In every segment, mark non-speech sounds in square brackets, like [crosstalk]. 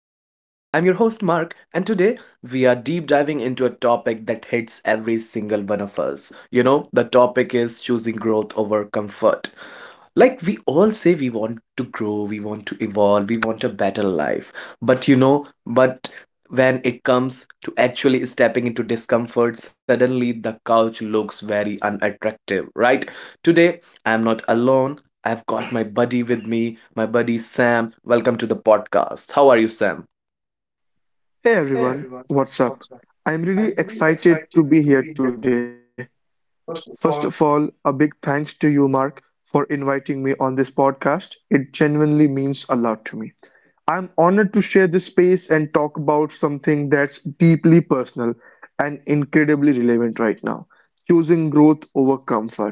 I'm your host, Mark, and today we are deep diving into a topic that hits every single one of us. You know, the topic is choosing growth over comfort, like we all say we want to grow, we want to evolve, we want a better life, but you know but when it comes to actually stepping into discomfort, suddenly the couch looks very unattractive, right? Today, I am not alone. I've got my buddy with me, my buddy Sam. Welcome to the podcast. How are you, Sam? Hey Hey everyone, everyone, what's up? what's up? I'm really I'm really excited to be excited here to be today. here today. First of First all, of a all, big thanks to you, Mark, for inviting me on this podcast. It genuinely means a lot to me. I'm honored to share this space and talk about something that's deeply personal and incredibly relevant right now, choosing growth over comfort.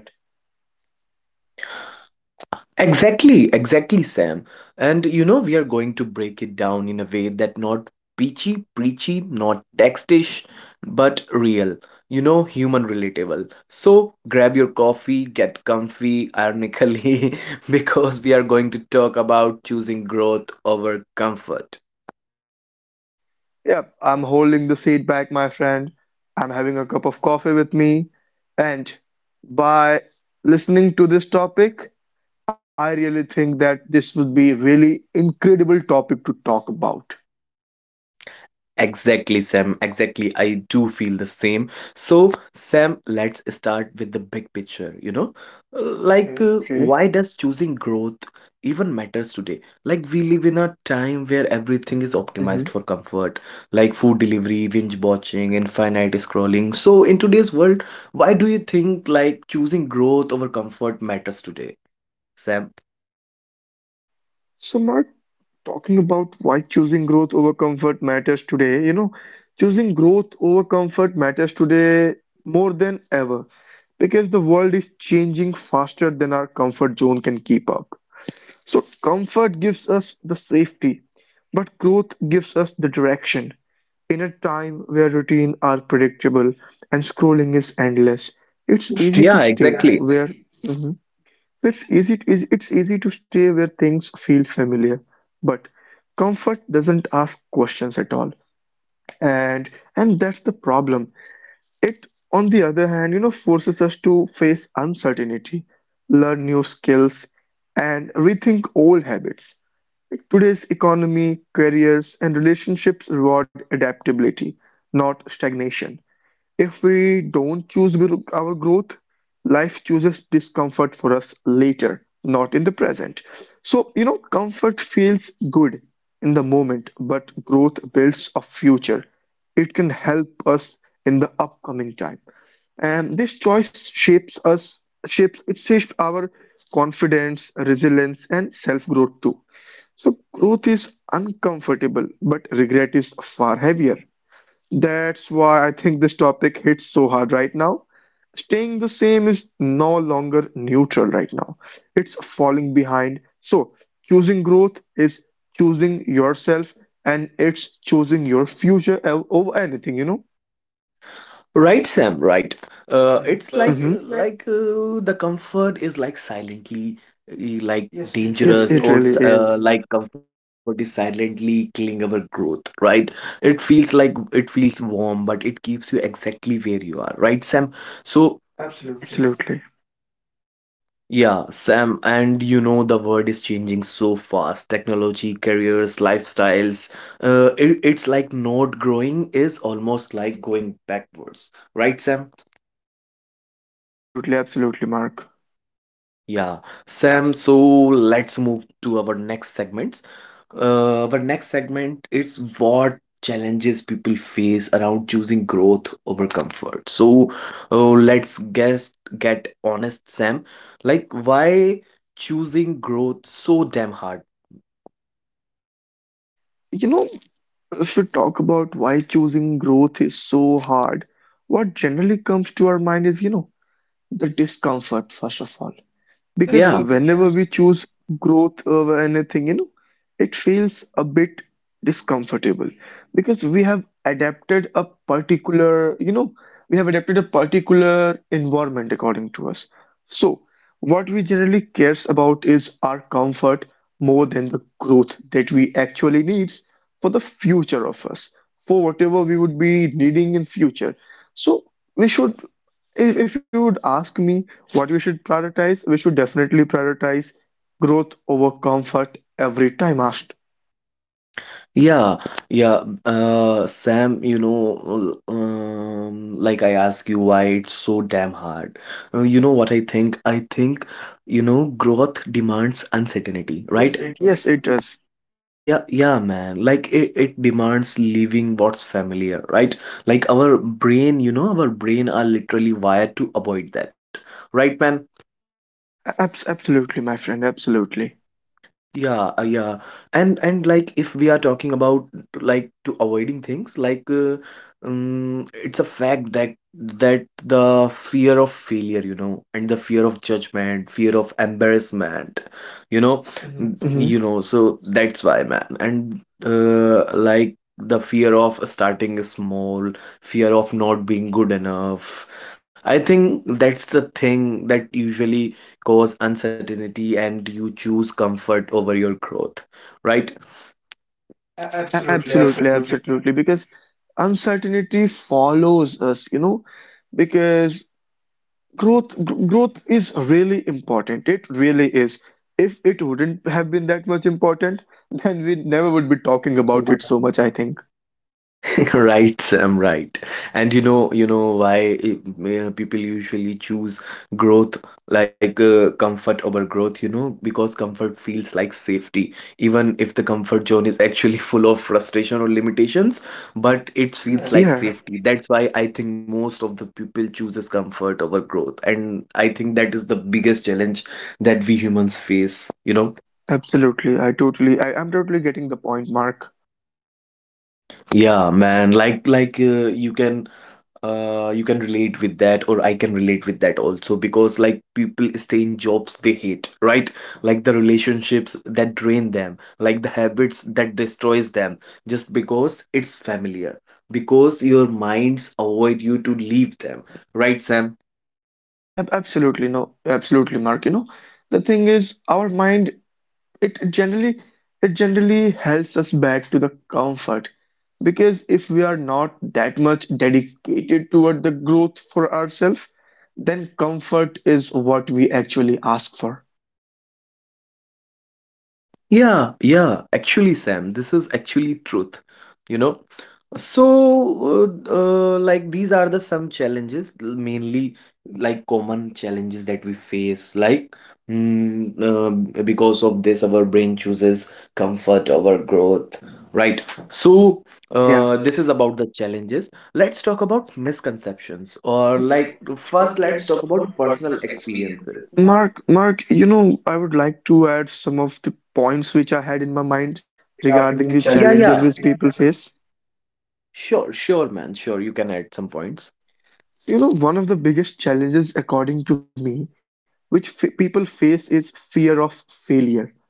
exactly, exactly, Sam. And you know, we are going to break it down in a way that not preachy, not textish, but real. You know, human relatable. So grab your coffee, get comfy, ironically, [laughs] because we are going to talk about choosing growth over comfort. Yep, I'm holding the seat back, my friend. I'm having a cup of coffee with me. And by listening to this topic, I really think that this would be really incredible topic to talk about. Exactly, Sam. Exactly. I do feel the same. So, Sam, let's start with the big picture, you know? Uh, Like, Hmm. uh, Okay. why does choosing growth even matters today? Like, we live in a time where everything is Mhm. optimized for comfort, like food delivery, binge watching, infinite scrolling. So, in today's world, why do you think like choosing growth over comfort matters today, Sam? So, Mark, talking about why choosing growth over comfort matters today, you know, choosing growth over comfort matters today more than ever because the world is changing faster than our comfort zone can keep up. So, comfort gives us the safety, but growth gives us the direction. In a time where routine are predictable and scrolling is endless, [laughs] it's Interesting. easy to Yeah, stay exactly. where, mhm, [laughs] it's easy to stay where things feel familiar. But comfort doesn't ask questions at all. And and that's the problem. It, on the other hand, you know, forces us to face uncertainty, learn new skills, and rethink old habits. Like, today's economy, careers, and relationships reward adaptability, not stagnation. If we don't our growth, life chooses discomfort for us later, not in the present. So, you know, comfort feels good in the moment, but growth builds a future. It can help us in the upcoming time, and this choice shapes us shapes it shapes our confidence, resilience, and self growth too. So growth is uncomfortable, but regret is far heavier. That's why I think this topic hits so hard right now. Staying the same is no longer neutral right now. It's falling behind. So choosing growth is choosing yourself, and it's choosing your over anything, you know? Right, Sam, right. It's like Hmm. like uh, the comfort is like silently uh, like, yes, it really Yes, dangerous it or really is. is. Like comfort is silently killing our growth, right? It feels warm, but it keeps you exactly where you are, right, Sam? So, absolutely, Absolutely. yeah, Sam, and you know the world is changing so fast. Technology, careers, lifestyles. It's like not growing is almost like going backwards, right, Sam? Absolutely, absolutely, Mark. Yeah, Sam, so let's move to our next segments. Our next segment is what challenges people face around choosing growth over comfort. So, let's guess get honest, Sam. Like, why choosing growth so damn hard? You know, if we talk about why choosing growth is so hard, what generally comes to our mind is, you know, the discomfort, first of all, When, because yeah, whenever we choose growth over anything, you know, it feels a bit discomfortable because we have adapted a particular, you know, we have adapted a particular environment according to us. So what we generally cares about is our comfort more than the growth that we actually needs for the future of us, for whatever we would be needing in future. So we should, if you would ask me what we should prioritize, we should definitely prioritize growth over comfort every time asked. yeah, yeah. Sam, you know, like I ask you why it's so damn hard. You know what I think? I think, you know, growth demands uncertainty, right? Yes, it does. Yes, it Yeah, yeah, man. Like it demands leaving what's familiar, right? Like our brain, you know, our brain are literally wired to avoid that, right, man? does. Absolutely, my friend, absolutely. Yeah, yeah. And like if we are talking about like to avoiding things, like it's a fact that the fear of failure, you know, and the fear of judgment, fear of embarrassment, you know, mhm, Hmm. you know, so that's why, man. And like the fear of starting small, fear of not being good enough. I think that's the thing that usually cause uncertainty and you choose comfort over your growth, right? A- A- absolutely, Absolutely, absolutely. absolutely. Because uncertainty follows us, you know, because growth is really important. It really is. If it wouldn't have been that much important, [laughs] then we never would be About talking it so about much. it so much, I think. [laughs] Right, Sam, right. And you know why people usually choose growth like comfort over growth, you know, because comfort feels like safety, even if the comfort zone is actually [laughs] full of frustration or limitations, but it feels, yeah, like Yeah. safety. That's why I think most of the people chooses comfort over growth, and I think that is the biggest challenge that we humans face, you know. Absolutely. I'm totally getting the point, Mark. Yeah, man, like like uh, you can Uh, you can relate with that, or I can relate with that also because, like, people stay in jobs they hate, right? Like the relationships that drain them, like the habits that destroys them, just because it's familiar, because your minds avoid you to leave them, right, Sam? Ab absolutely, no, absolutely, Mark. You know, the thing is, our mind, it generally, it generally helps us back to the comfort. Because if we are not that much dedicated toward the growth for ourselves, then comfort is what we actually ask for. Yeah, yeah, actually, Sam, this is actually truth, you know. So, like these are the some challenges, mainly like common challenges that we face, like because of this, our brain chooses comfort over growth, right? So, yeah, Yeah. this is about the challenges. Let's talk about misconceptions, or like first, let's talk about personal experiences. Not Mark, you know, I would like to add some of the points which I had in my mind regarding regarding the the, yeah, challenge. Yeah, yeah. challenges which people face. Sure, sure, man. Sure, you can add some points. So, you know, one of the biggest challenges, according to me, which f people face is fear of failure.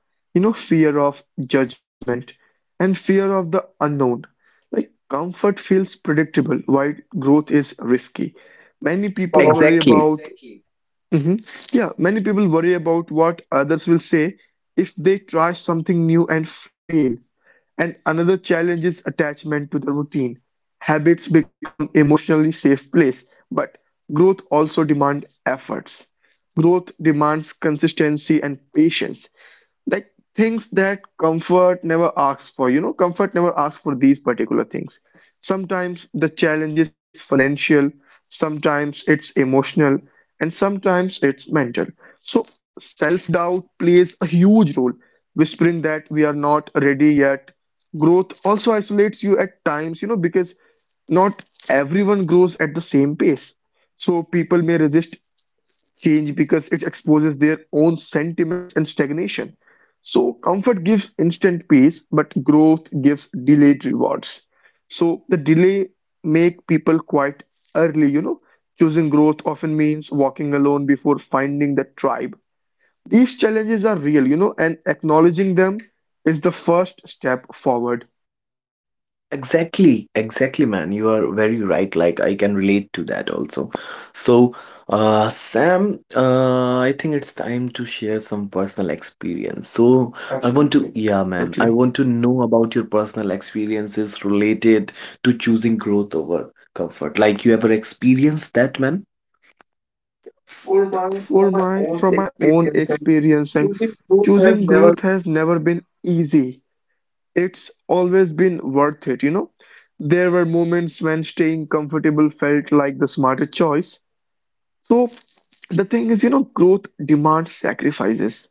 You know, fear of judgment and fear of the unknown. Like, comfort feels predictable, while growth is risky. Many You know, people worry exactly, about, mhm, yeah, many people worry about what others will say if they try something new and fail. And another challenge is attachment to the routine. Habits become emotionally safe place, but growth also demand efforts. Growth demands consistency and patience, like things that comfort never asks for. You know, comfort never asks for these particular things. Sometimes the challenge is financial, sometimes it's emotional, and sometimes it's mental. So self doubt plays a huge role, whispering that we are not ready yet. Growth also isolates you at times, you know, because not everyone grows at the same pace. So people may resist change because it exposes their own sentiments and stagnation. So, comfort gives instant peace, but growth gives delayed rewards. So, the delay make people quite early, you know. Choosing growth often means walking alone before finding the tribe. These challenges are real, you know, and acknowledging them is the first step forward. exactly. Exactly, man. You are very right. Like I can relate to that also. So, Sam, I think it's time to share some personal experience. So, I want to, absolutely, yeah, Absolutely. man, I want to know about your personal experiences related to choosing growth over comfort. Like you ever experienced that, man? For Yeah, my for from my my own from my own experience, like experience and choosing truth has choosing never growth has never been easy. It's always been worth it, you know. There were moments when staying comfortable felt like the smarter choice. So the thing is, you know, growth demands sacrifices.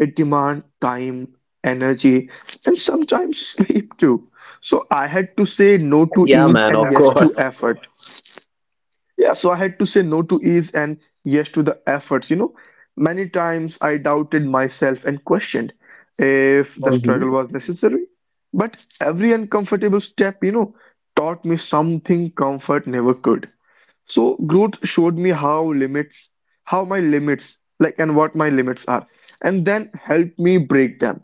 It demands time, energy, and sometimes [laughs] sleep too. So I had to say been, no to yeah, ease man, of and ever yes to course. effort. Yeah, so I had to say no to ease and yes to the efforts. You know, many times I doubted myself and questioned if the Mhm. struggle was necessary. But every uncomfortable step, you know, taught me something comfort never could. So growth showed me how limits, how my limits, like, and what my limits are, and then helped me break them.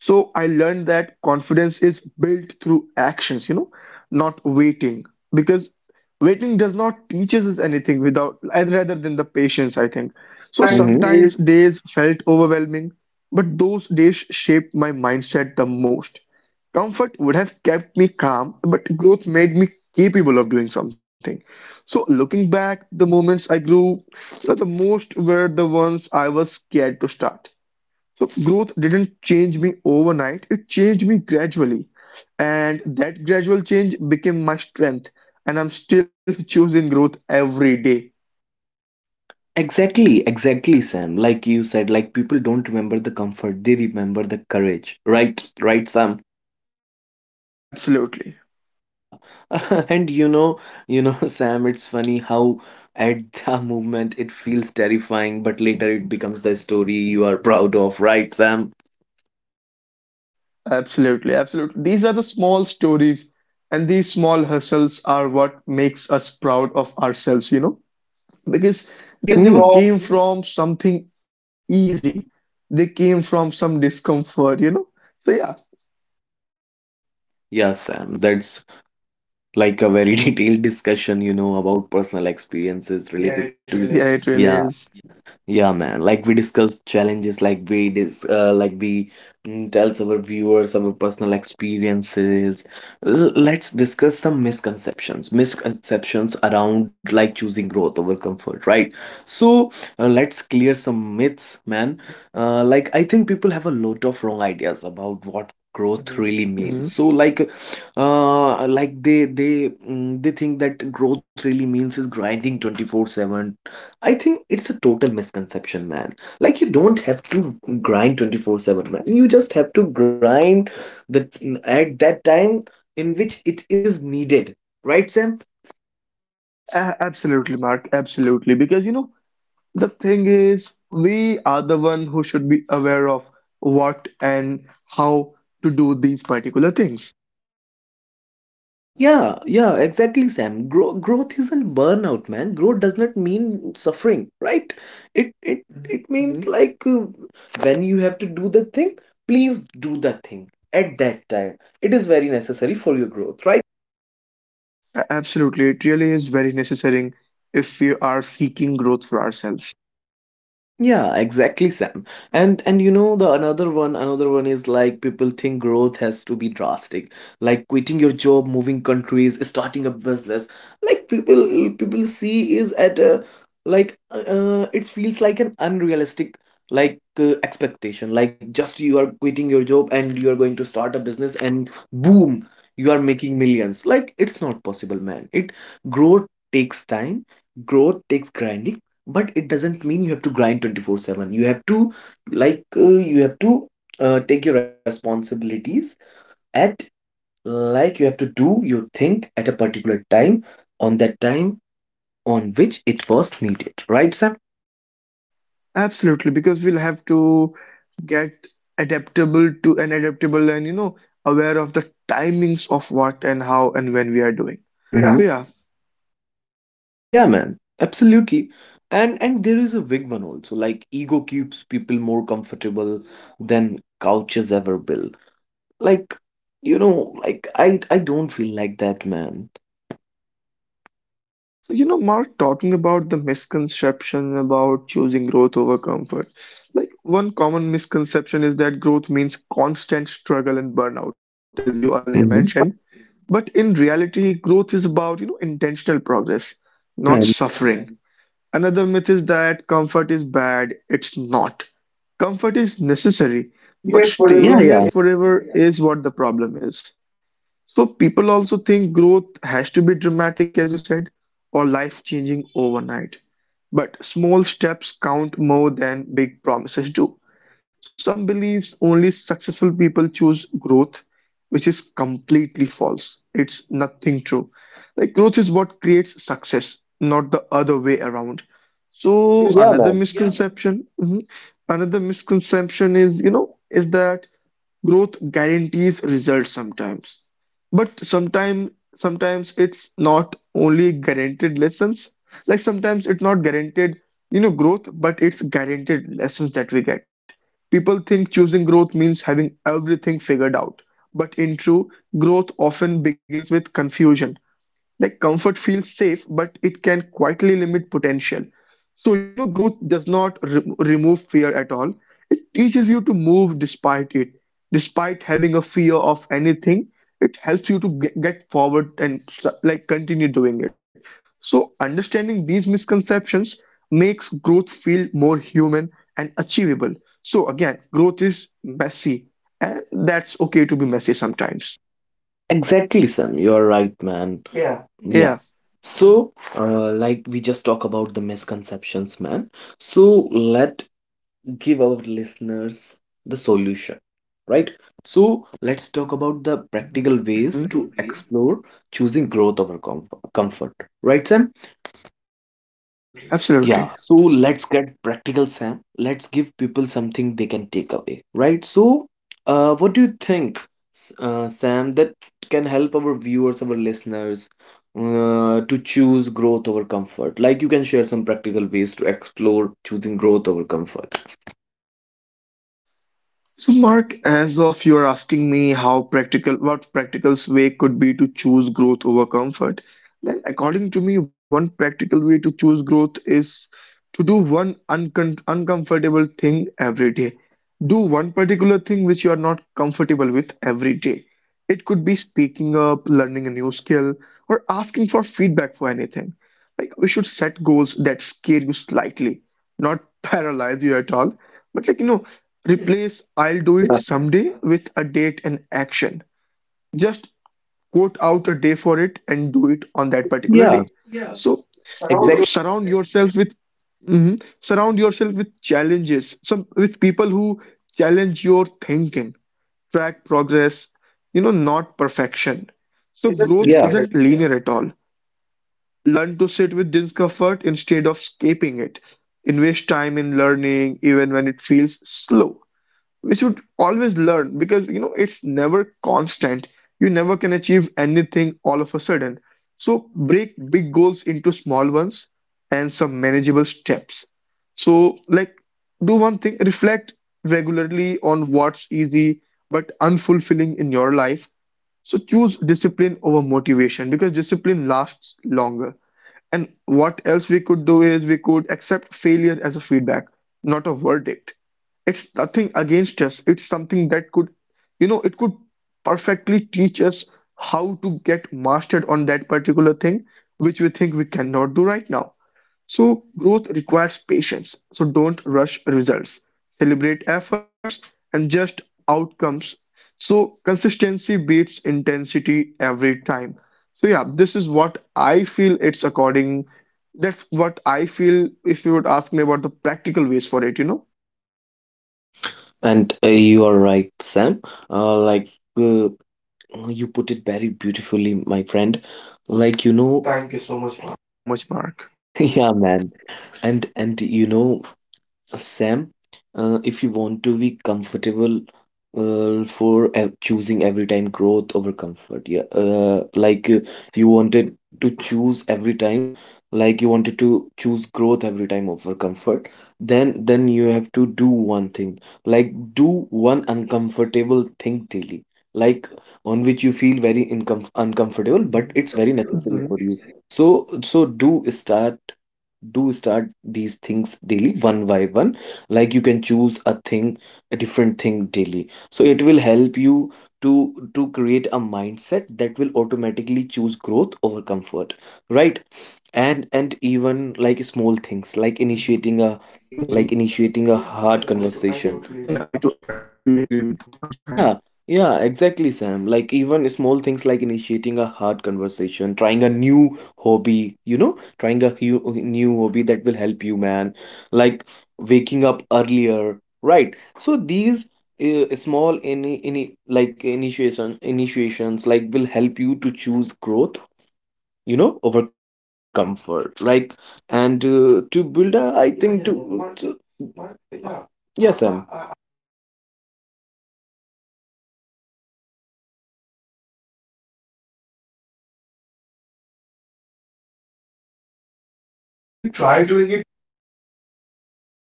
So I learned that confidence is built through actions, you know, not waiting. Because waiting does not teach us anything without rather than the patience, I think. So Sometimes, mhm, they sometimes days felt overwhelming, but those days shaped my mindset the most. Comfort would have kept me calm, but growth made me capable of doing something. So looking back, the moments I grew, you know, the most were the ones I was scared to start. So growth didn't change me overnight, it changed me gradually. And that gradual change became my strength. And I'm still choosing growth every day. exactly, exactly, Sam. Like you said, like people don't remember the comfort, they remember the courage. Right, right, Sam. Absolutely. Yeah. [laughs] And you know, [laughs] Sam, it's funny how at the moment it feels terrifying, but later it becomes the story you are proud of, right, Sam? Absolutely. Absolutely. These are the small stories and these small hustles are what makes us proud of ourselves, you know, because Came, they hmm, never from came from something easy. They came from some discomfort, you know. So yeah, yeah, Sam, that's like a very [laughs] detailed discussion, you know, about personal experiences, yeah, related yeah, it to, really yeah. is. Yeah, man. Like we discuss challenges, like we dis like we mm, tells our viewers our personal experiences. Let's discuss some misconceptions, misconceptions around like choosing growth over comfort, right? So, let's clear some myths, man. Like I think people have a lot of wrong ideas about what growth, mhm, really Mhm. means. So like, like they think that growth really means is grinding 24/7. I think it's a total misconception, man. Like you don't have to grind 24/7, man. You just have to grind the at that time in which it is needed. Right, Sam? Absolutely, Mark. Absolutely. Because, you know, the thing is, we are the one who should be aware of what and how to do these particular things. Yeah, yeah, exactly, Sam. Growth isn't burnout, man. Growth does not mean suffering, right? It it it means Hmm. like when you have to do the thing, please do the thing at that time. It is very necessary for your growth, right? Absolutely. It really is very necessary if we are seeking growth for ourselves. Yeah, exactly, Sam. And you know the another one is like people think growth has to be drastic, like quitting your job, moving countries, starting a business. Like people see is at a it feels like an unrealistic expectation. Like just you are quitting your job and you are going to start a business and boom, you are making millions. Like it's not possible, man. It Growth takes time, growth takes grinding, but it doesn't mean you have to grind 24/7. You have to like uh, you have to take your responsibilities at like you have to do your thing at a particular time on that time on which it was needed, right, Sam? Absolutely. Because we'll have to get adaptable, and, you know, aware of the timings of what and how and when we are doing. Yeah. Mm-hmm. So, yeah. Yeah, man, absolutely. And there is a big one also, like ego keeps people more comfortable than couches ever will. Like, you know, like I don't feel like that, man. So, you know, Mark, talking about the misconception about choosing growth over comfort, like one common misconception is that growth means constant struggle and burnout, as you earlier Okay. mentioned. Mhm. But in reality, growth is about, you know, intentional progress, So yeah, not man. suffering. Another myth is that comfort is bad. It's not. Comfort is necessary, but staying Yeah, here yeah. forever is what the problem is. So people also think growth has to be dramatic, as you said, or life-changing overnight. But small steps count more than big promises do. So some believes only successful people choose growth, which is completely false. It's nothing true. Like growth is what creates success, not the other way around. So Yeah, another, yeah, man. misconception, mhm, another misconception is, you know, is that growth guarantees results sometimes, but sometimes it's not only guaranteed lessons. Like sometimes it's not guaranteed, you know, growth, but it's guaranteed lessons that we get. People think choosing growth means having everything figured out. But in truth, growth often begins with confusion. Like comfort feels safe, but it can quietly limit potential. So, you know, growth does not remove fear at all. It teaches you to move despite it. Despite having a fear of anything, it helps you to get forward and like continue doing it. So, understanding these misconceptions makes growth feel more human and achievable. So, again, growth is messy, and that's okay to be messy sometimes. Exactly, Sam. You are right, man. Yeah. Yeah, Yeah. So, like we just talk about the misconceptions, man. So let give our listeners the solution, right? So let's talk about the practical ways mhm, to explore choosing growth over comfort, right, Sam? Absolutely. absolutely. Yeah, so let's get practical, Sam. Let's give people something they can take away, right? So, what do you think, Sam, that can help our viewers, our listeners, to choose growth over comfort? Like, you can share some practical ways to explore choosing growth over comfort. So, Mark, as of you're asking me how practical, what practical way could be to choose growth over comfort, then according to me, one practical way to choose growth is to do one uncon uncomfortable thing every day. Do one particular thing which you are not comfortable with every day. It could be speaking up, learning a new skill, or asking for feedback for anything. Like we should set goals that scare you slightly, not [laughs] paralyze you at all, but like, you know, replace I'll do Certainly. it But someday with a date and action. Just quote out a day for it and do it on that [laughs] particular yeah, day. Yeah. So, somehow you know, exactly. Surround yourself with challenges, some with people who challenge your thinking, track progress, you know, not perfection. Growth So isn't, growth yeah, linear. isn't linear at all. Learn to sit with discomfort instead of escaping it. Invest time in learning even when it feels slow. We should always learn because you know it's never constant. You never can achieve anything all of a sudden. So break big goals into small ones and some manageable steps. So like do one thing, reflect regularly on what's easy but unfulfilling in your life, so choose discipline over motivation because discipline lasts longer. And what else we could do is we could accept failure as a feedback, not a verdict. It's nothing against us. It's something that could, it could perfectly teach us how to get mastered on that particular thing, which we think we cannot do right now. So growth requires patience. So don't rush results. Celebrate efforts and just outcomes. So consistency beats intensity every time. So, yeah, this is what I feel it's according. That's what I feel if you would ask me about the practical ways for it. And you are right, Sam. Uh, like. uh, Oh, you put it very beautifully, my friend. Like, you know, thank you so much. Thank you so much, Mark. [laughs] Yeah, man. And you know, Sam, if you want to be comfortable for choosing every time growth over comfort, yeah, you wanted to choose every time, like you wanted to choose growth every time over comfort, then you have to do one thing, like do one uncomfortable thing daily, like on which you feel very incom uncomfortable, but it's very Mhm. necessary for you. So do start these things daily one by one. Like you can choose a different thing daily, so it will help you to create a mindset that will automatically choose growth over comfort, right? And even like small things like Mhm. Initiating a hard Yeah, conversation, yeah, I do. I totally agree with the point, man. yeah, yeah, exactly, Sam. Like even small things like initiating a hard conversation, trying a new hobby, you know, trying a hu new hobby that will help you, man. Like waking up earlier, right? So these small any like initiations like will help you to choose growth, you know, over comfort, like and to build a I think Yeah, to yeah, yeah. Mark, Mark, yeah, yeah. Sam. I, I, I, I, I I too, I too think the same way. You know, I think that if we are getting toward anything that we cannot do. Mm-hmm. But if we try doing it every day,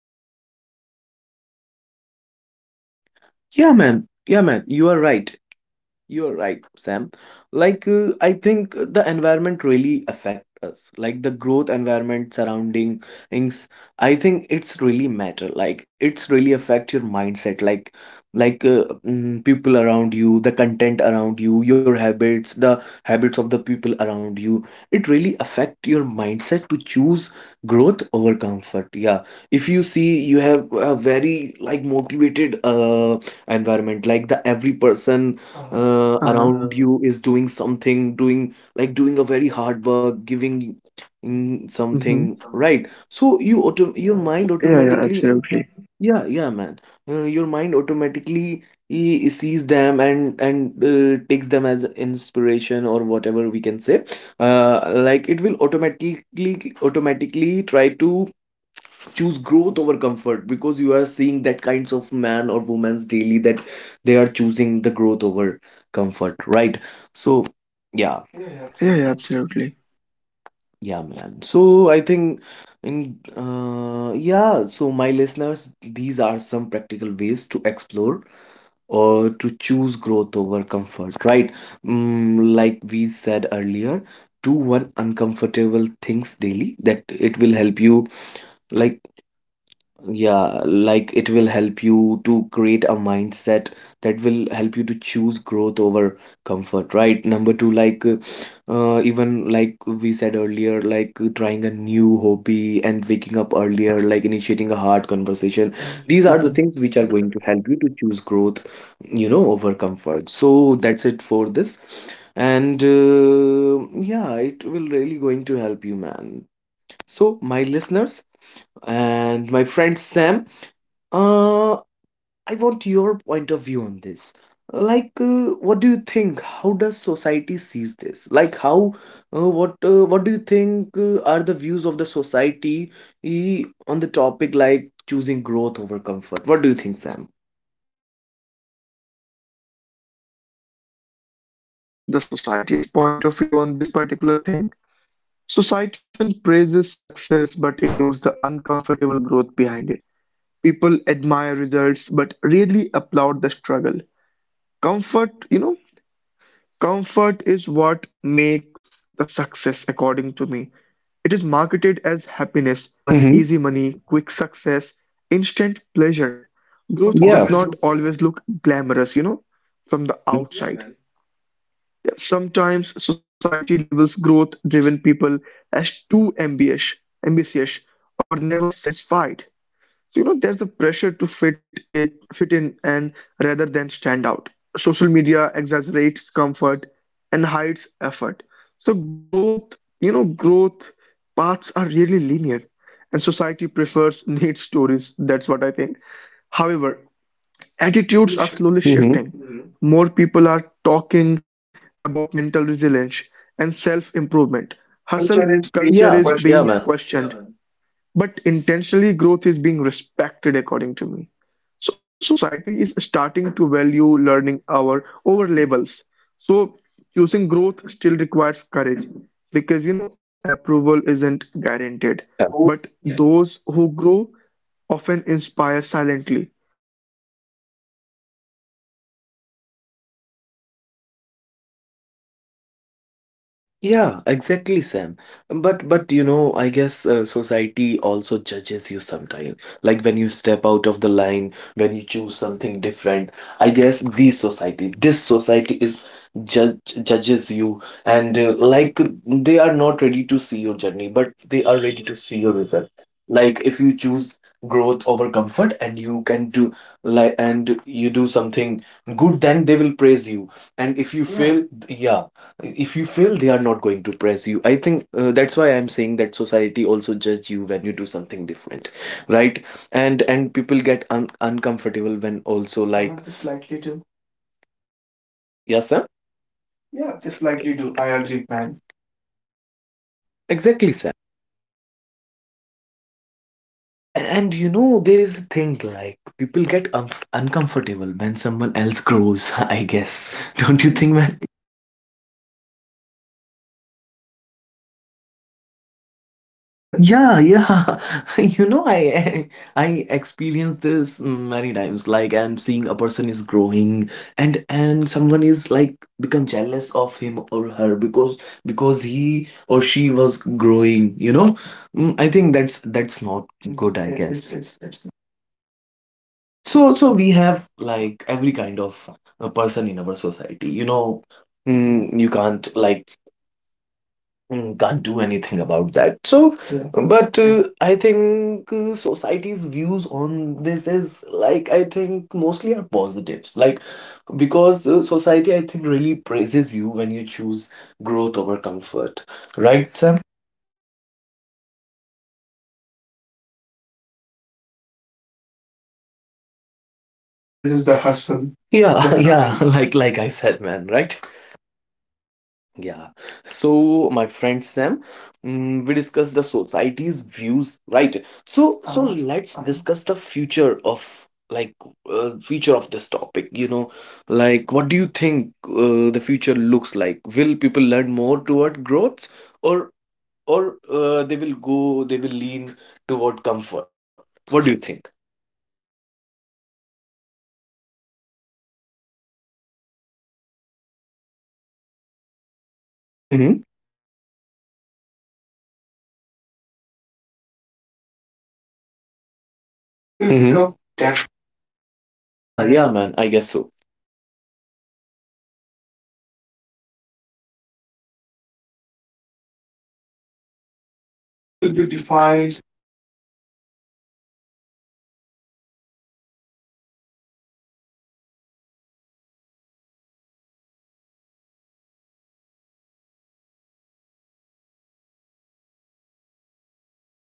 then we can slightly get better for that particular thing. Yeah, man. Yeah, man. You are right. You're right, Sam. Like, I think the environment really affect us. Like the growth environment surrounding things, I think it's really matter. Like it's really affect your mindset. Like, people around you, the content around you, your habits, the habits of the people around you. It really affect your mindset to choose growth over comfort. Yeah. If you see, you have a very like motivated environment. Like the every person around Uh-huh. you is doing something doing like doing a very hard work giving in something, Mm-hmm. right? So you auto your mind Yeah, yeah, automatically absolutely. yeah yeah man your mind automatically he sees them and takes them as inspiration or whatever we can say. Like it will automatically try to choose growth over comfort because you are seeing that kinds of man or woman's daily that they are choosing the growth over comfort, right? So yeah. Yeah, yeah, Yeah, absolutely. yeah, absolutely. Yeah, man. So I think in yeah so my listeners, these are some practical ways to explore or to choose growth over comfort, right? Like we said earlier, do one uncomfortable things daily that it will help you, like. Yeah, like it will help you to create a mindset that will help you to choose growth over comfort, right? Number two, even like we said earlier, trying a new hobby and waking up earlier, like initiating a hard conversation. These are the things Hmm. which are going to help you to choose growth, you know, over comfort. So that's it for this. And yeah, it will really going to help you, man. So, my listeners and my friend Sam, uh, I want your point of view on this. What do you think? How does society sees this? What do you think are the views of the society on the topic like choosing growth over comfort? What do you think, Sam? So, Mark, you know, if we talk about the society's point of view on this particular thing, society often praises success but ignores the uncomfortable growth behind it. People admire results but rarely applaud the struggle. Comfort, you know, Comfort is what makes the success, according to me. It is marketed as happiness, Easy money. Mm-hmm. easy money, quick success, instant pleasure. Not Growth Yeah. does always look not always look glamorous, you know, out. Yeah, from the, man. yeah, outside. Yeah. Sometimes society labels growth-driven people as too ambitious, ambitious, or never satisfied. So, you know, there's a pressure to fit it, fit in, and rather than stand out. Social media exaggerates comfort and hides effort. So growth, you know, growth paths are really linear, and society prefers [laughs] neat stories. That's what I think. However, For the attitudes shift. are slowly Mm-hmm. shifting. More people are talking about mental resilience and self-improvement. Hustle Culture is being Yeah. culture is questioned, Yeah, being man. questioned, but intentionally, growth is being respected, according to me. So society is starting to value learning our over labels. So choosing growth still requires courage because you know approval isn't But. guaranteed. Yeah. But those who grow often inspire silently. Growth challenges norms, and that's how progress happens, according to me. You know? Yeah, exactly, Sam. But you know, I guess society also judges you sometimes. Like when you step out of the line, when you choose something different. I guess these society, this society is judge judges you, and like they are not ready to see your journey, but they are ready to see your result. Like if you choose growth over comfort, and you can do like and you do something good, then they will praise you. And if you Yeah. fail, yeah, Yeah, if you fail they are not going to press you, I think. That's why I'm saying that society also judge you when you do something different, right? And people get uncomfortable when also. Like. This feel, likely do. like they slightly do. Yes, sir. Yeah, this likely Yeah, do. I they agree, slightly do. man. I agree, man. Exactly, sir. And, you know, there is a thing like people get un uncomfortable when someone else grows, [laughs] I guess. Don't you think, man? Yeah, yeah. I think that's more of a jealousy thing, to Yeah. be Yeah, fair. yeah. [laughs] You know, I experience this many times. Like I'm seeing a person is growing and someone is like become jealous of him or her because he or she was growing, you know? I think that's not good, I Hmm. guess. It, it's not Yeah. fair. So we have like every kind of a person in our society. You know, you can't Hmm. like. Can't do anything about that. So. Yeah. But. Yeah. I Yeah. think society's views on this is like I think mostly are positives. Like because society I think really praises you when you choose growth over comfort, right, Sam? Yeah, yes, man, absolutely. It praises your growth over, it praises the results, you know. Praises the It never hustle. praises the Yeah. [laughs] hustle, Yeah. Like the like I struggle. said, man, right? Yeah. Absolutely. So, my friend Sam, we discussed the society's views, right? So, let's discuss the future Uh-huh. of like future of this topic. You know, like what do you think the future looks like? Will people learn more toward growth, or or they will go, they will lean toward comfort? What do you think? So, you know what I think of this is the future belongs to people who are Learn. willing Mm-hmm. to learn, adapt, and evolve. Mark, as technology and work culture changes, But you hmm know, comfort will that. become temporary. Yeah, yeah, man. I guess so. And so the thing is, you know, lifelong learning will no longer be optional. It will be Those essential. hmm will be Growth will defined. be defined, you know, it will be defined employability, creativity, and leadership. So emotional intelligence and self-awareness will matter more than the titles. People will choose meaningful progress over empty stability.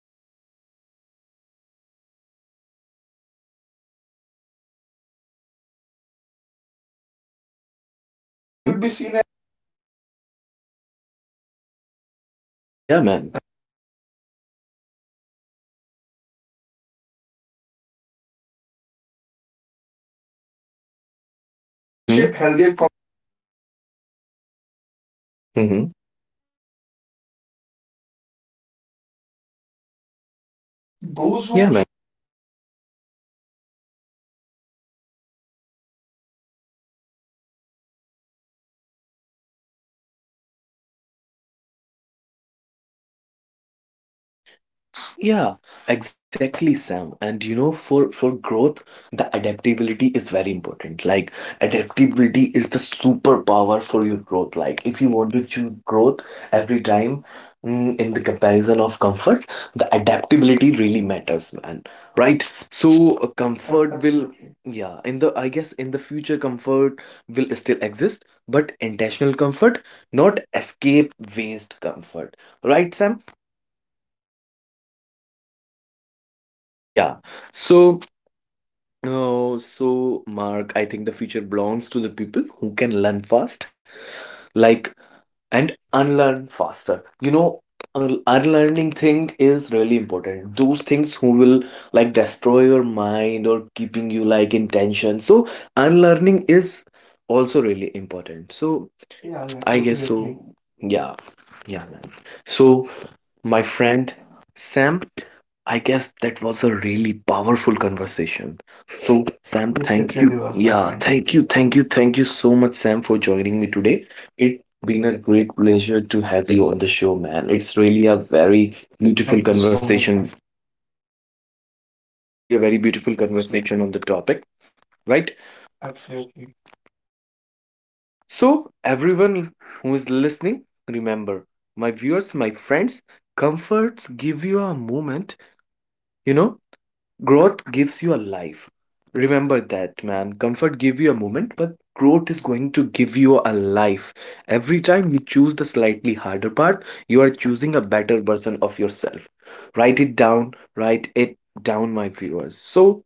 Comfort zones will be shrink as opportunities expand. So the future will reward those who embrace discomfort early. So those hmm will be seen. Personal growth will be seen as like a responsibility, not a Yeah, luxury man. anymore. And more individuals will prioritize purpose over convenience. So growth focused mindset will it will shape Only healthier it will. Mhm. Shape healthier it will shape healthier communities and healthier to you. careers, according to me. The definition of success, you know, will evolve from safe to So fulfilled. those who. Yeah. So those who choose growth will build resilience for uncertain times. But the thing is, you know, growth will no longer be a trend, it will be a survival. And those who start now will lead tomorrow. Yeah, exactly, Sam. And you know, for growth, the adaptability is very important. Like adaptability is the superpower for your growth. Like if you want to choose growth every time, in the comparison of comfort, the adaptability really matters, man. Right? So comfort will, yeah, in Absolutely. the I guess in the future comfort will still exist, but intentional comfort, not escape waste comfort. Right, Sam? Yeah, yeah, Mark. Absolutely. Absolutely, my friend. Yeah. So. Oh, so Mark, I think the future belongs to the people who can learn fast, like and unlearn faster. You know, unlearning thing is really important. Those things who will like destroy your mind or keeping you like in tension. So unlearning is also really important. So yeah, yeah, I Yeah, guess yeah, totally agree. So. totally Definitely. agree. Yeah, yeah, man. So my friend Sam. I guess that was a really powerful conversation. So, Sam, yes, it thank really you. Was, my Yes, it yeah, friend. really was, Thank my you, friend. thank you, thank you so much, Sam, for joining me today. It's been a great pleasure to have you on the show, man. It's really a very beautiful. Thank you so much, man. Conversation, Thank man. you so much, my friend. It's really a very beautiful conversation on the topic, right? Absolutely. Absolutely. So, everyone who is listening, remember, my viewers, my friends, comforts give you a moment, you know, growth gives you a life. Remember that, man. Comfort give you a moment, but growth is going to give you a life. Every time you choose the slightly harder path, you are choosing a better version of yourself. Write it down, my viewers. So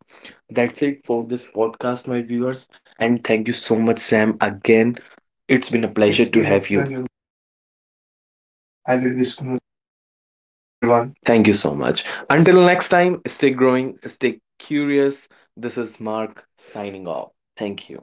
that's it for this podcast, my viewers. And thank you so much, Sam. Again, it's been a pleasure. It's It's to been been a a have you. Pleasure pleasure, Mark. It's been a pleasure having this. having this conversation Thank you, with you. everyone. Thank you, Thank you so everyone. much. Until next time, stay growing, stay curious. This is Mark signing off. Thank you.